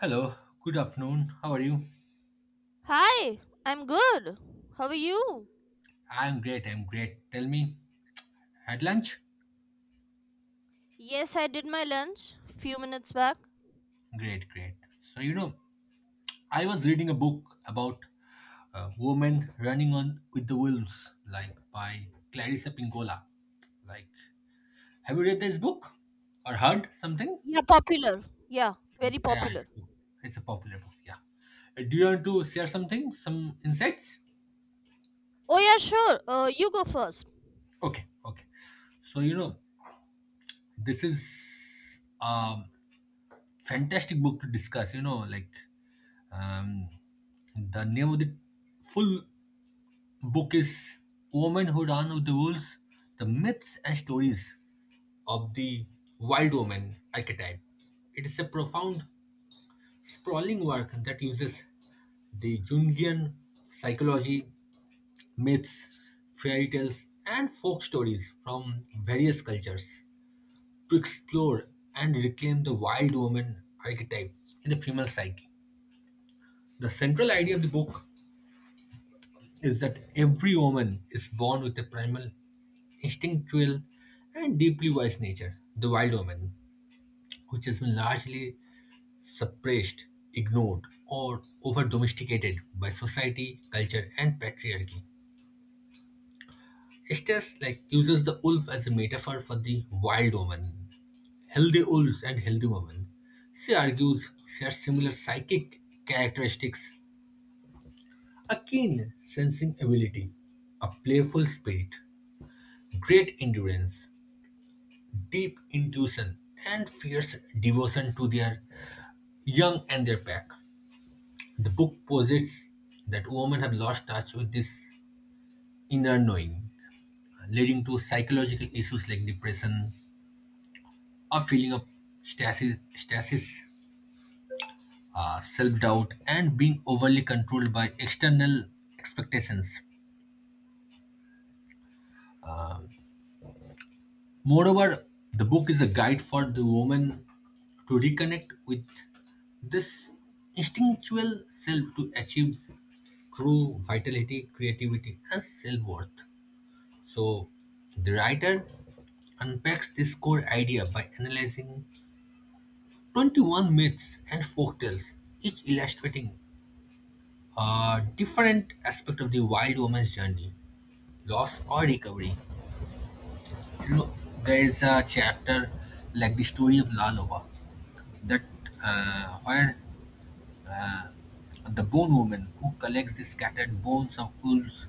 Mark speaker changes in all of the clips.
Speaker 1: Hello, good afternoon. How are you?
Speaker 2: Hi, I'm good. How are you?
Speaker 1: I'm great, I'm great. Tell me, had lunch?
Speaker 2: Yes, I did my lunch few minutes back.
Speaker 1: Great, great. So, you know, I was reading a book about women running on with the wolves, like by Clarissa Pinkola. Like, have you read this book or heard something?
Speaker 2: Yeah, popular. Yeah, very
Speaker 1: Yeah, it's,
Speaker 2: popular.
Speaker 1: a book. It's a popular book, yeah. Do you want to share something, some insights?
Speaker 2: Oh yeah, sure. You go first.
Speaker 1: Okay, okay. So, you know, this is a fantastic book to discuss, you know, like Um, the name of the full book is Woman Who Ran with the Wolves, The Myths and Stories of the Wild Woman Archetype. It is a profound, sprawling work that uses the Jungian psychology, myths, fairy tales, and folk stories from various cultures to explore and reclaim the wild woman archetype in the female psyche. The central idea of the book is that every woman is born with a primal, instinctual, and deeply wise nature, the wild woman, which has been largely suppressed, ignored, or over domesticated by society, culture, and patriarchy. Estes like uses the wolf as a metaphor for the wild woman, healthy wolves and healthy women. She argues share similar psychic characteristics, a keen sensing ability, a playful spirit, great endurance, deep intuition, and fierce devotion to their young and their pack. The book posits that women have lost touch with this inner knowing, leading to psychological issues like depression, a feeling of stasis, self doubt, and being overly controlled by external expectations. Moreover, the book is a guide for the woman to reconnect with this instinctual self to achieve true vitality, creativity, and self worth. So, the writer unpacks this core idea by analyzing 21 myths and folktales, each illustrating a different aspect of the wild woman's journey loss or recovery. You know, there is a chapter like the story of Lalova that where uh, the bone woman who collects the scattered bones of wolves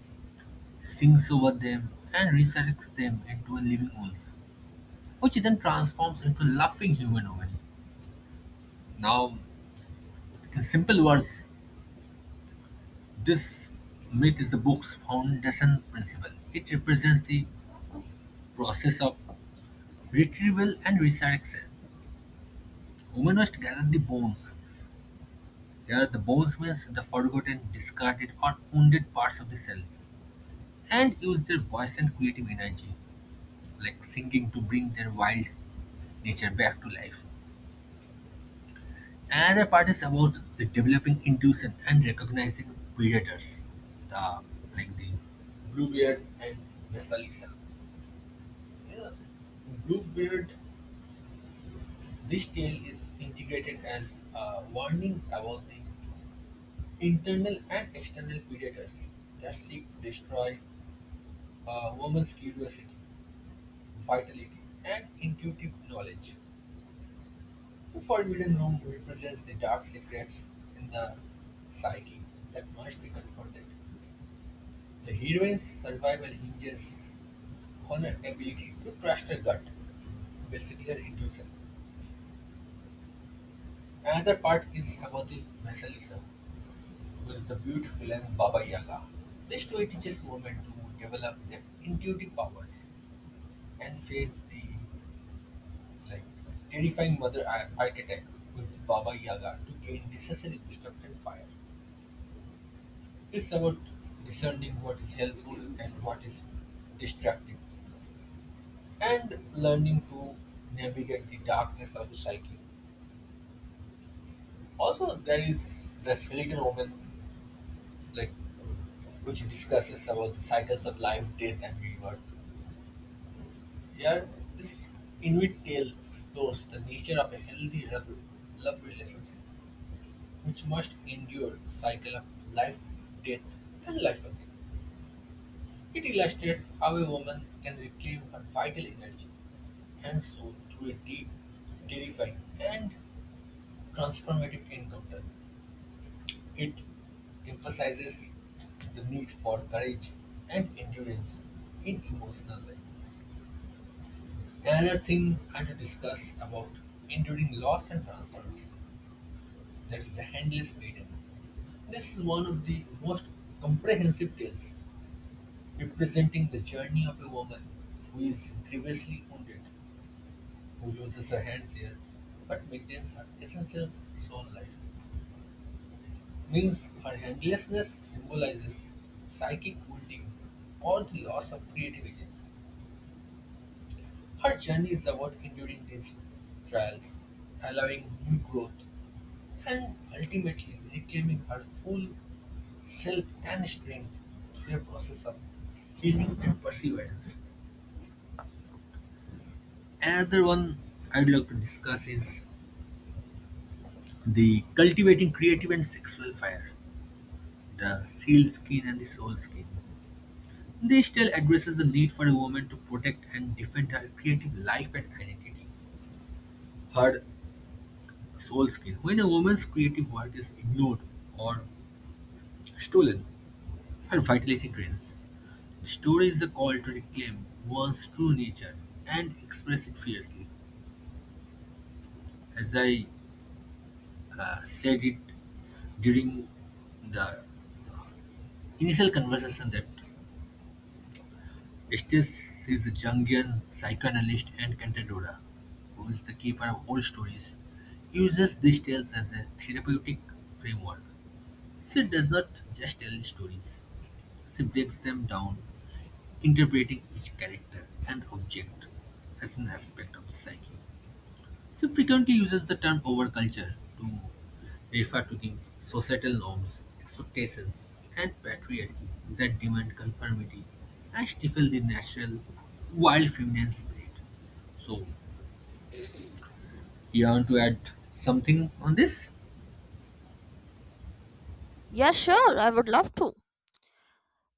Speaker 1: sings over them, and resurrects them into a living wolf, which then transforms into a laughing humanoid. Now, in simple words, this myth is the book's foundation principle. It represents the process of retrieval and resurrection. Humanoids gather the bones. Gather the bones means the forgotten, discarded, or wounded parts of the self, and use their voice and creative energy like singing to bring their wild nature back to life. Another part is about the developing intuition and recognizing predators, the like the bluebeard and Mesalisa. Yeah. Bluebeard, this tale is integrated as a warning about the internal and external predators that seek to destroy a woman's curiosity, vitality, and intuitive knowledge. The Forbidden Room represents the dark secrets in the psyche that must be confronted. The heroine's survival hinges on her ability to trust her gut, basically her intuition. Another part is Samadhi Vasalisa, who is the beautiful and Baba Yaga. This story teaches women to develop their intuitive powers and face the like terrifying mother archetype with Baba Yaga to gain necessary wisdom and fire. It's about discerning what is helpful and what is destructive and learning to navigate the darkness of the cycle. Also, there is the skeleton woman, like which discusses about the cycles of life, death, and rebirth. Here, this Inuit tale explores the nature of a healthy love relationship, which must endure the cycle of life, death, and life again. It illustrates how a woman can reclaim her vital energy and soul through a deep, terrifying, and transformative encounter. It emphasizes the need for courage and endurance in emotional life. Another thing I want to discuss about enduring loss and transformation, that is the handless maiden. This is one of the most comprehensive tales representing the journey of a woman who is grievously wounded, who loses her hands here, but maintains her essential soul life, means her handlessness symbolizes psychic wounding or the loss of creative agency. Her journey is about enduring these trials, allowing new growth, and ultimately reclaiming her full self and strength through a process of healing and perseverance. Another one I'd like to discuss is the cultivating creative and sexual fire, the seal skin and the soul skin. This tale addresses the need for a woman to protect and defend her creative life and identity, her soul skin. When a woman's creative work is ignored or stolen, her vitality drains. The story is a call to reclaim one's true nature and express it fiercely. As I said it during the initial conversation that Estes is a Jungian psychoanalyst and Cantadora, who is the keeper of old stories, uses these tales as a therapeutic framework. She does not just tell stories, she breaks them down, interpreting each character and object as an aspect of the psyche. She frequently uses the term "overculture" to refer to the societal norms, expectations, and patriarchy that demand conformity and stifle the natural, wild feminine spirit. So, you want to add something on this?
Speaker 2: Yeah, sure. I would love to.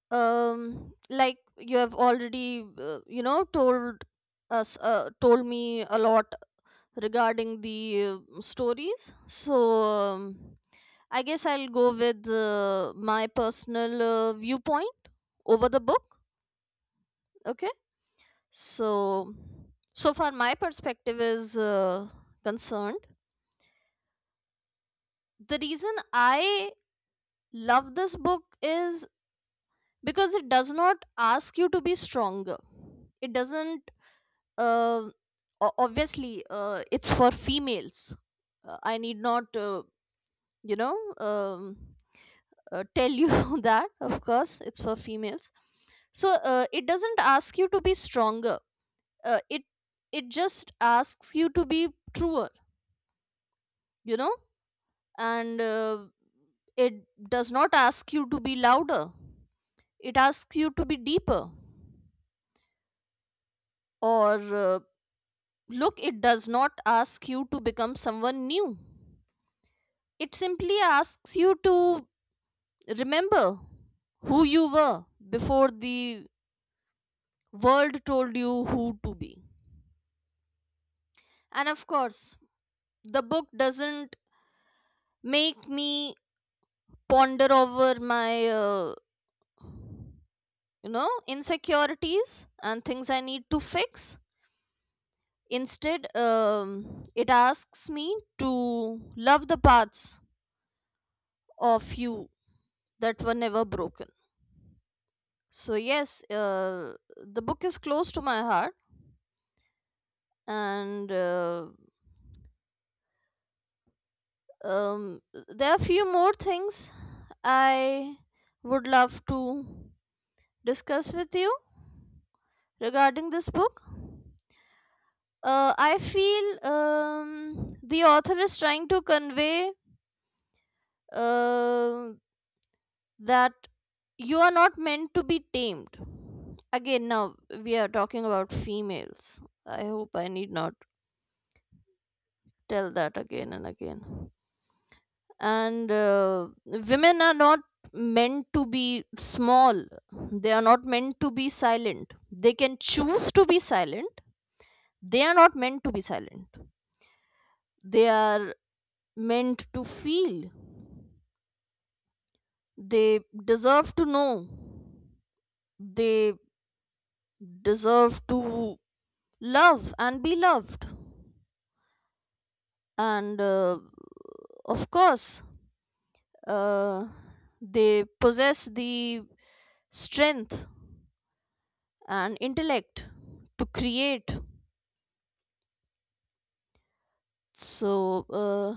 Speaker 2: Like you have already, told told me a lot regarding the stories. So um, I guess I'll go with my personal viewpoint over the book. Okay. So, so far my perspective is concerned. The reason I love this book is because it does not ask you to be stronger. It doesn't. Uh, Obviously, it's for females. I need not, you know, um, tell you that. Of course, it's for females. So it doesn't ask you to be stronger. Uh, it it just asks you to be truer. You know, and it does not ask you to be louder, it asks you to be deeper. Or Look, it does not ask you to become someone new, it simply asks you to remember who you were before the world told you who to be. And of course, the book doesn't make me ponder over my insecurities and things I need to fix. Instead, it asks me to love the parts of you that were never broken. So, yes, the book is close to my heart, and um, there are a few more things I would love to discuss with you regarding this book. I feel the author is trying to convey uh, that you are not meant to be tamed. Again, now we are talking about females. I hope I need not tell that again and again. And Women are not meant to be small, they are not meant to be silent. They can choose to be silent, they are not meant to be silent. They are meant to feel, they deserve to know, they deserve to love and be loved, and of course, uh, they possess the strength and intellect to create. So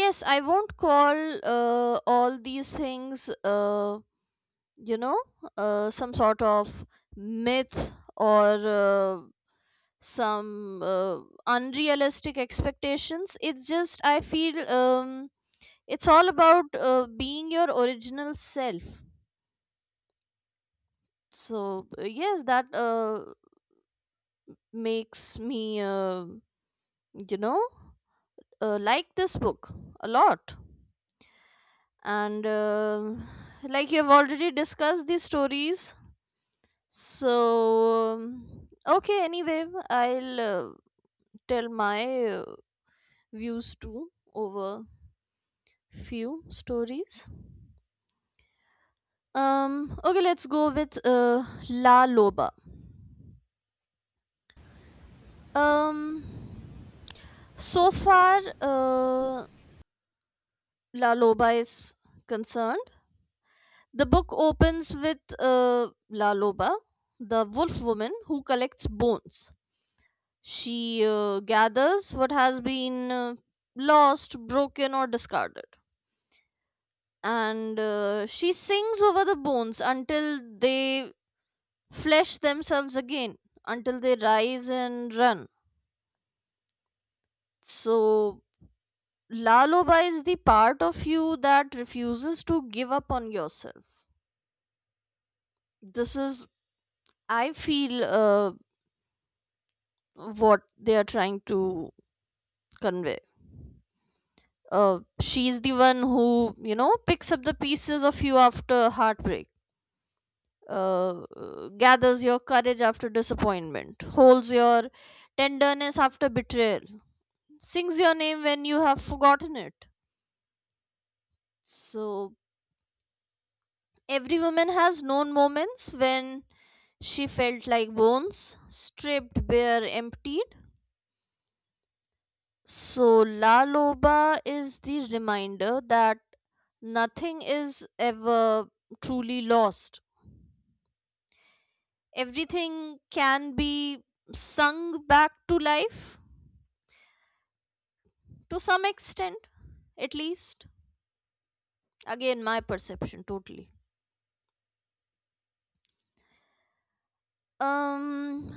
Speaker 2: yes, I won't call all these things you know some sort of myth, or some unrealistic expectations. It's just, I feel it's all about being your original self. So yes, that makes me you know like this book a lot. And like you've already discussed these stories, so okay, anyway, I'll tell my views too over few stories. Um, okay, let's go with La Loba. Um so far uh, La Loba is concerned. The book opens with La Loba, the wolf woman who collects bones. She gathers what has been lost, broken, or discarded. And she sings over the bones until they flesh themselves again, until they rise and run. So, La Loba is the part of you that refuses to give up on yourself. This is, I feel, what they are trying to convey. She's the one who, you know, picks up the pieces of you after heartbreak, gathers your courage after disappointment, holds your tenderness after betrayal, sings your name when you have forgotten it. So, every woman has known moments when she felt like bones, stripped bare, emptied. So, La Loba is the reminder that nothing is ever truly lost. Everything can be sung back to life to some extent, at least. Again, my perception totally. Um,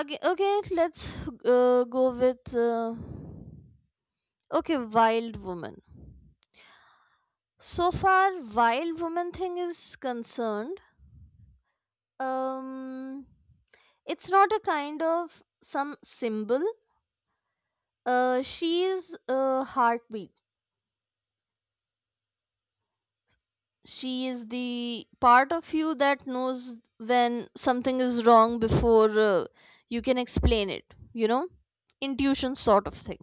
Speaker 2: okay, let's go with. Okay, Wild Woman. So far, Wild Woman thing is concerned. Um, It's not a kind of some symbol. She is a heartbeat. She is the part of you that knows when something is wrong before you can explain it, you know? Intuition sort of thing.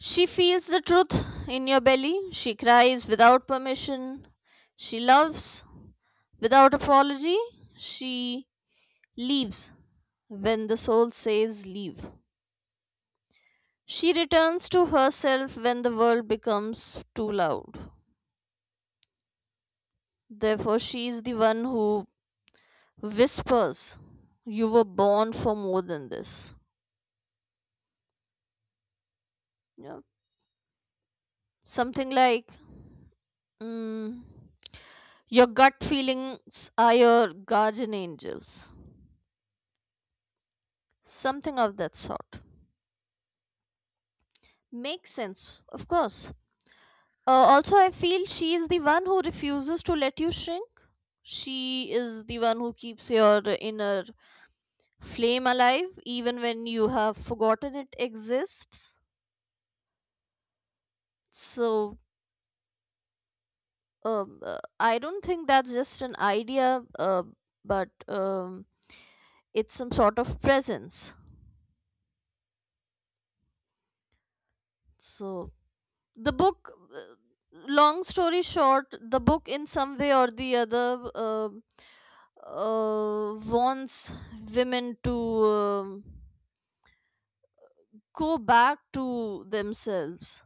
Speaker 2: She feels the truth in your belly. She cries without permission. She loves without apology. She leaves when the soul says leave. She returns to herself when the world becomes too loud. Therefore, she is the one who whispers, "You were born for more than this." Yeah. Something like, mm, "Your gut feelings are your guardian angels." Something of that sort. Makes sense, of course. Uh, Also, I feel she is the one who refuses to let you shrink. She is the one who keeps your inner flame alive even when you have forgotten it exists. So I don't think that's just an idea, but it's some sort of presence. So the book, long story short, the book in some way or the other wants women to um go back to themselves.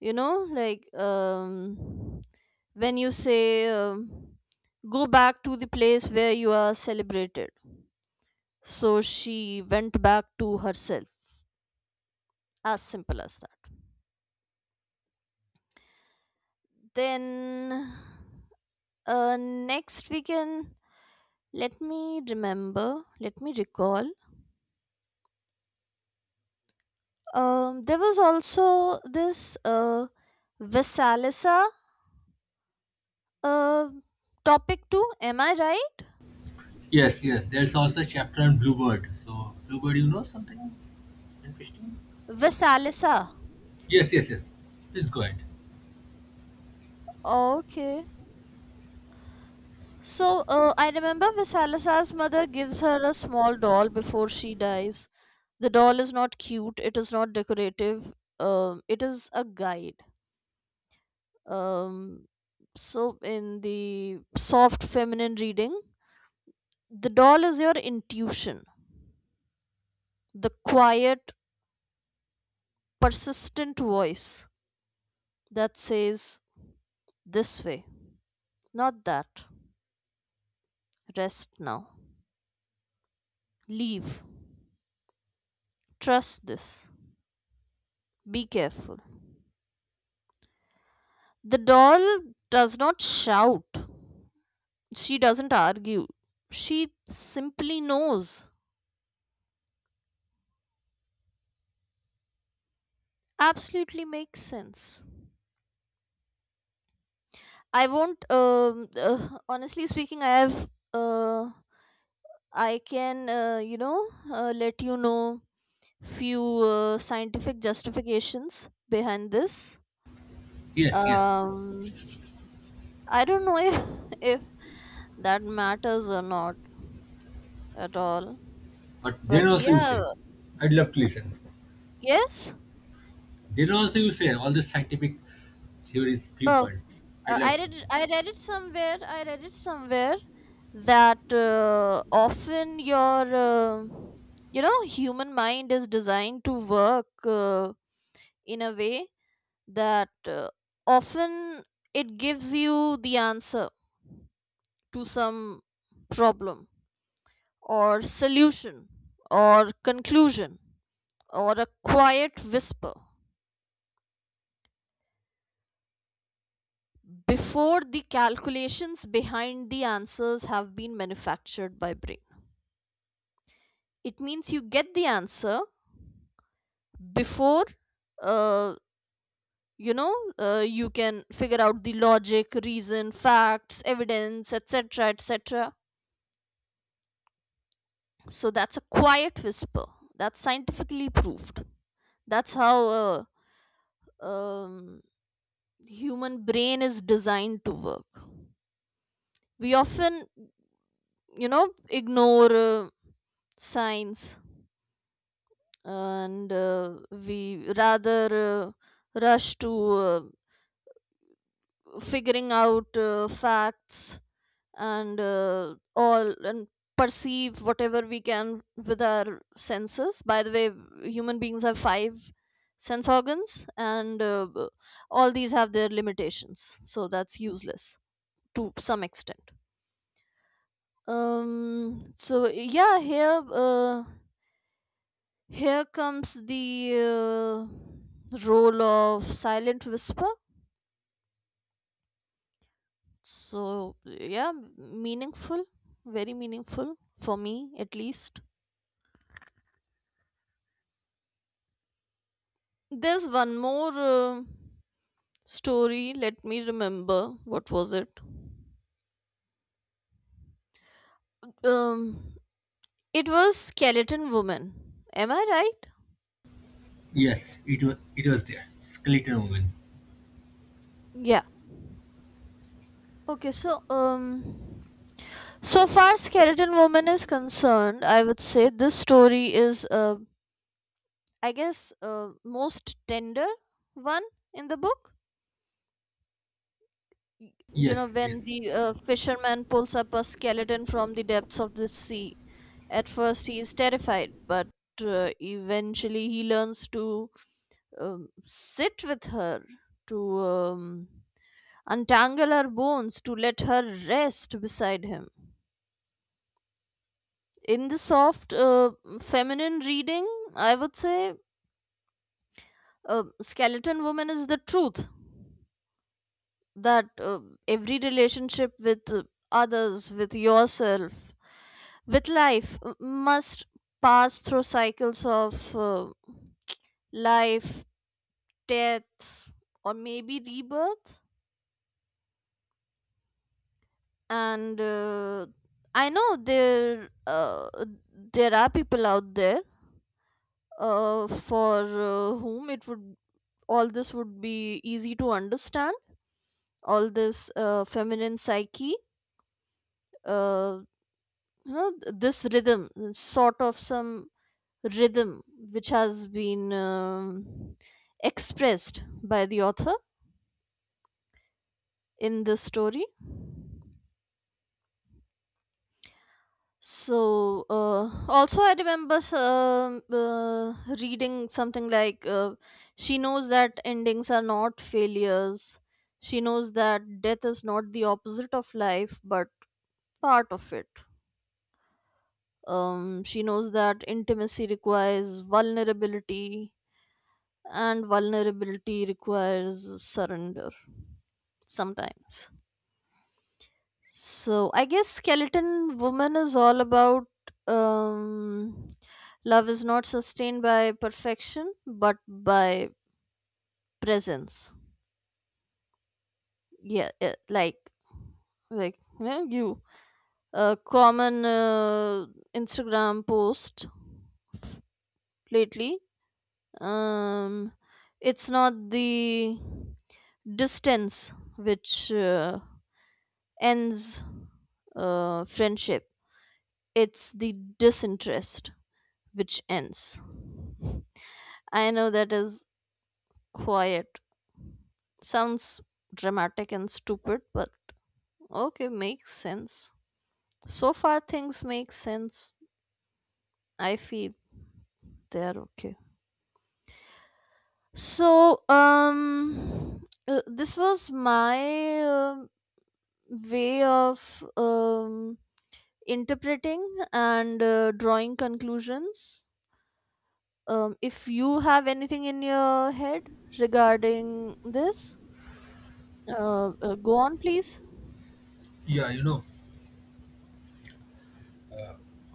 Speaker 2: You know, like when you say, um, go back to the place where you are celebrated. So she went back to herself, as simple as that. Then uh next we can, let me remember, let me recall, there was also this Vesalisa uh topic too, am I right?
Speaker 1: Yes, yes. There's also a chapter on Bluebird. So, Bluebird, you know something interesting?
Speaker 2: Vesalisa.
Speaker 1: Yes, yes, yes. Please go ahead.
Speaker 2: Okay. So I remember Visalas's mother gives her a small doll before she dies. The doll is not cute. It is not decorative. It is a guide. Um, so in the soft feminine reading, the doll is your intuition, the quiet, persistent voice that says, this way, not that. Rest now. Leave. Trust this. Be careful. The doll does not shout. She doesn't argue. She simply knows. Absolutely makes sense. I won't. Honestly speaking, I have. I can, let you know few scientific justifications behind this.
Speaker 1: Yes, yes.
Speaker 2: Um, I don't know if if that matters or not at all.
Speaker 1: But then
Speaker 2: But
Speaker 1: also you
Speaker 2: yeah,
Speaker 1: said, I'd love to listen.
Speaker 2: yes.
Speaker 1: They also you say all the scientific theories,
Speaker 2: Oh,
Speaker 1: viewpoints. I love it.
Speaker 2: I read it somewhere. I read it somewhere that often your human mind is designed to work in a way that often it gives you the answer to some problem or solution or conclusion, or a quiet whisper before the calculations behind the answers have been manufactured by brain. It means you get the answer before uh, you can figure out the logic, reason, facts, evidence, etc, etc. So that's a quiet whisper. That's scientifically proved. That's how a um, human brain is designed to work. We often, you know, ignore signs, and we rather rush to uh, figuring out facts and all and perceive whatever we can with our senses. By the way, human beings have five sense organs and all these have their limitations, so that's useless to some extent. So yeah, here comes the role of silent whisper. So, yeah, meaningful, very meaningful for me at least. There's one more story. Let me remember, what was it? Um, it was Skeleton Woman. Am I right?
Speaker 1: Yes, it was there. Skeleton woman.
Speaker 2: Yeah. Okay, so so far Skeleton Woman is concerned, I would say this story is, I guess, most tender one in the book. y- you know,
Speaker 1: Yes,
Speaker 2: when
Speaker 1: yes.
Speaker 2: the fisherman pulls up a skeleton from the depths of the sea, at first he is terrified, but eventually he learns to sit with her, to untangle her bones, to let her rest beside him. In the soft feminine reading, I would say, a skeleton woman is the truth that every relationship, with others, with yourself, with life, must pass through cycles of life, death, or maybe rebirth. And I know there are people out there, for whom it would, all this would be easy to understand, all this feminine psyche, uh, this rhythm, sort of some rhythm, which has been expressed by the author in this story. So also I remember, reading something like, she knows that endings are not failures, she knows that death is not the opposite of life but part of it. She knows that intimacy requires vulnerability and vulnerability requires surrender sometimes. So I guess Skeleton Woman is all about, um, love is not sustained by perfection but by presence. Yeah, yeah, like you a common Instagram post f- lately. Um, it's not the distance which ends friendship. It's the disinterest which ends. I know that is quiet. Sounds dramatic and stupid, but okay, makes sense. So far, things make sense. I feel they're okay. So, this was my way of interpreting and drawing conclusions. If you have anything in your head regarding this, go on, please.
Speaker 1: Yeah, you know,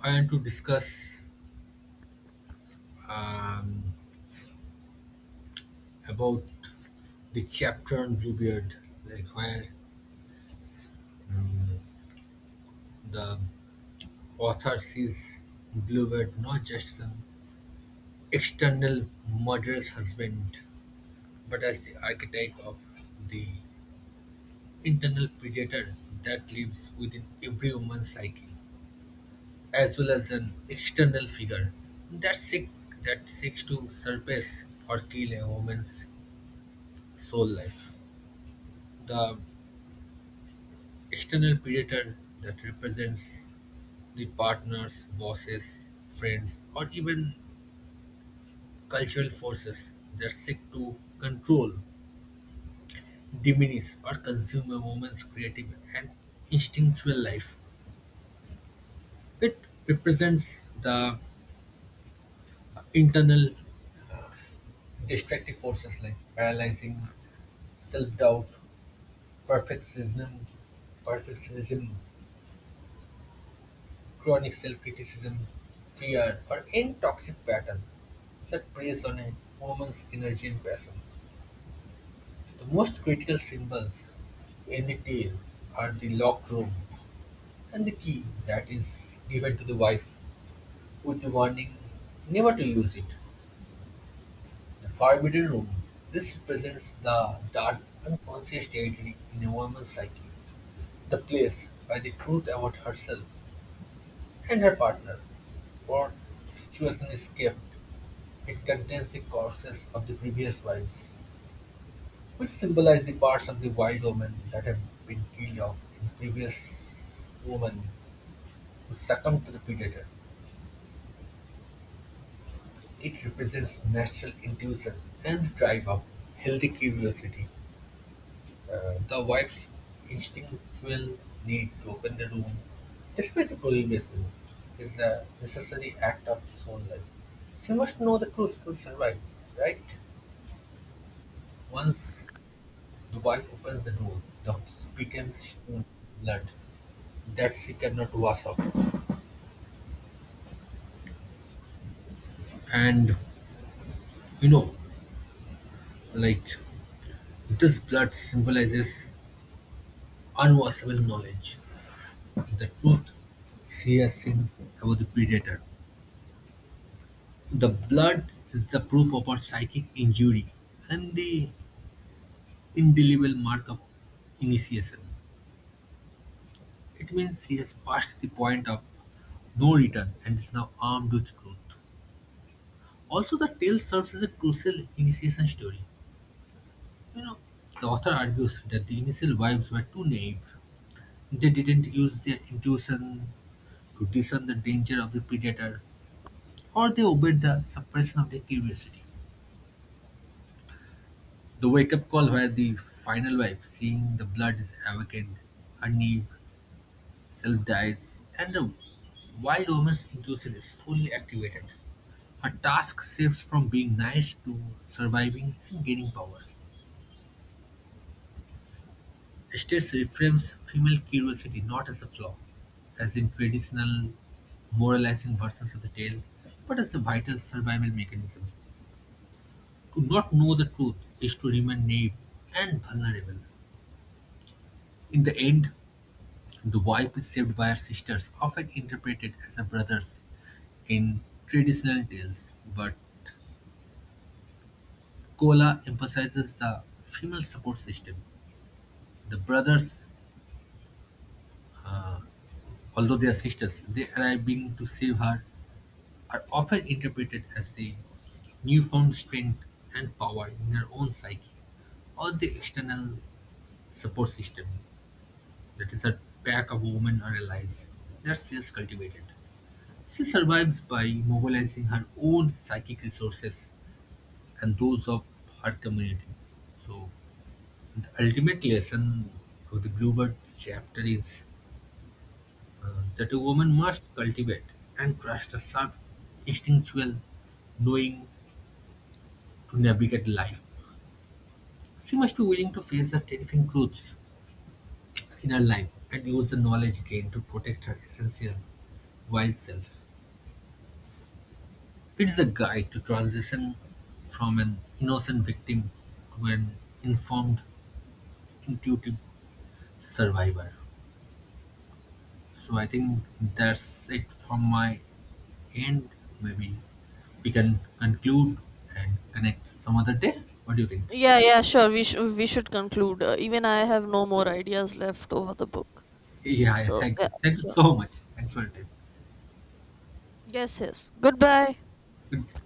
Speaker 1: I want to discuss um, about the chapter on Bluebeard, like where um, the author sees Bluebeard not just an external murderer's husband, but as the archetype of the internal predator that lives within every woman's psyche, as well as an external figure that seek, that seeks to surpass or kill a woman's soul life. The external predator that represents the partners, bosses, friends, or even cultural forces that seek to control, diminish, or consume a woman's creative and instinctual life. It represents the internal destructive forces like paralyzing self doubt, Perfectionism, perfectionism, chronic self-criticism, fear, or any toxic pattern that preys on a woman's energy and passion. The most critical symbols in the tale are the locked room and the key that is given to the wife with the warning never to use it. The forbidden room. This represents the dark, unconscious territory in a woman's psyche, the place where the truth about herself and her partner. What situation is kept? It contains the corpses of the previous wives, which symbolize the parts of the wild women that have been killed off in previous women who succumbed to the predator. It represents natural intuition and the drive of healthy curiosity. The wife's instinctual need to open the room, despite the prohibition, is a necessary act of his own life. She must know the truth to survive, right? Once the wife opens the door, the heat becomes stone, blood that she cannot wash off. And you know, like this blood symbolizes unwashable knowledge, the truth she has seen about the predator. The blood is the proof of our psychic injury and the indelible mark of initiation. It means he has passed the point of no return and is now armed with truth. Also, the tale serves as a crucial initiation story. You know, the author argues that the initial wives were too naive. They didn't use their intuition to discern the danger of the predator, or they obeyed the suppression of their curiosity. The wake-up call where the final wife, seeing the blood, is awakened, her new self dies, and the wild woman's intuition is fully activated. Her task shifts from being nice to surviving and gaining power. States reframes female curiosity not as a flaw, as in traditional moralizing versions of the tale, but as a vital survival mechanism. To not know the truth is to remain naive and vulnerable. In the end, the wife is saved by her sisters, often interpreted as her brothers in traditional tales, but Kola emphasizes the female support system. The brothers, although they are sisters, they arriving to save her are often interpreted as the newfound strength and power in her own psyche or the external support system that is a pack of women or allies that she has cultivated. She survives by mobilizing her own psychic resources and those of her community. So, the ultimate lesson of the Bluebird chapter is uh, that a woman must cultivate and trust her sharp instinctual knowing to navigate life. She must be willing to face the terrifying truths in her life and use the knowledge gained to protect her essential wild self. It is a guide to transition from an innocent victim to an informed, intuitive survivor. So I think that's it from my end. Maybe we can conclude and connect some other day. What do you think?
Speaker 2: Yeah, yeah, sure. We should conclude. Even I have no more ideas left over the book.
Speaker 1: Yeah, yeah,
Speaker 2: So
Speaker 1: thank
Speaker 2: yeah,
Speaker 1: you. Thank you
Speaker 2: sure.
Speaker 1: so much. Thanks for your time.
Speaker 2: Yes, yes. Goodbye.
Speaker 1: Good-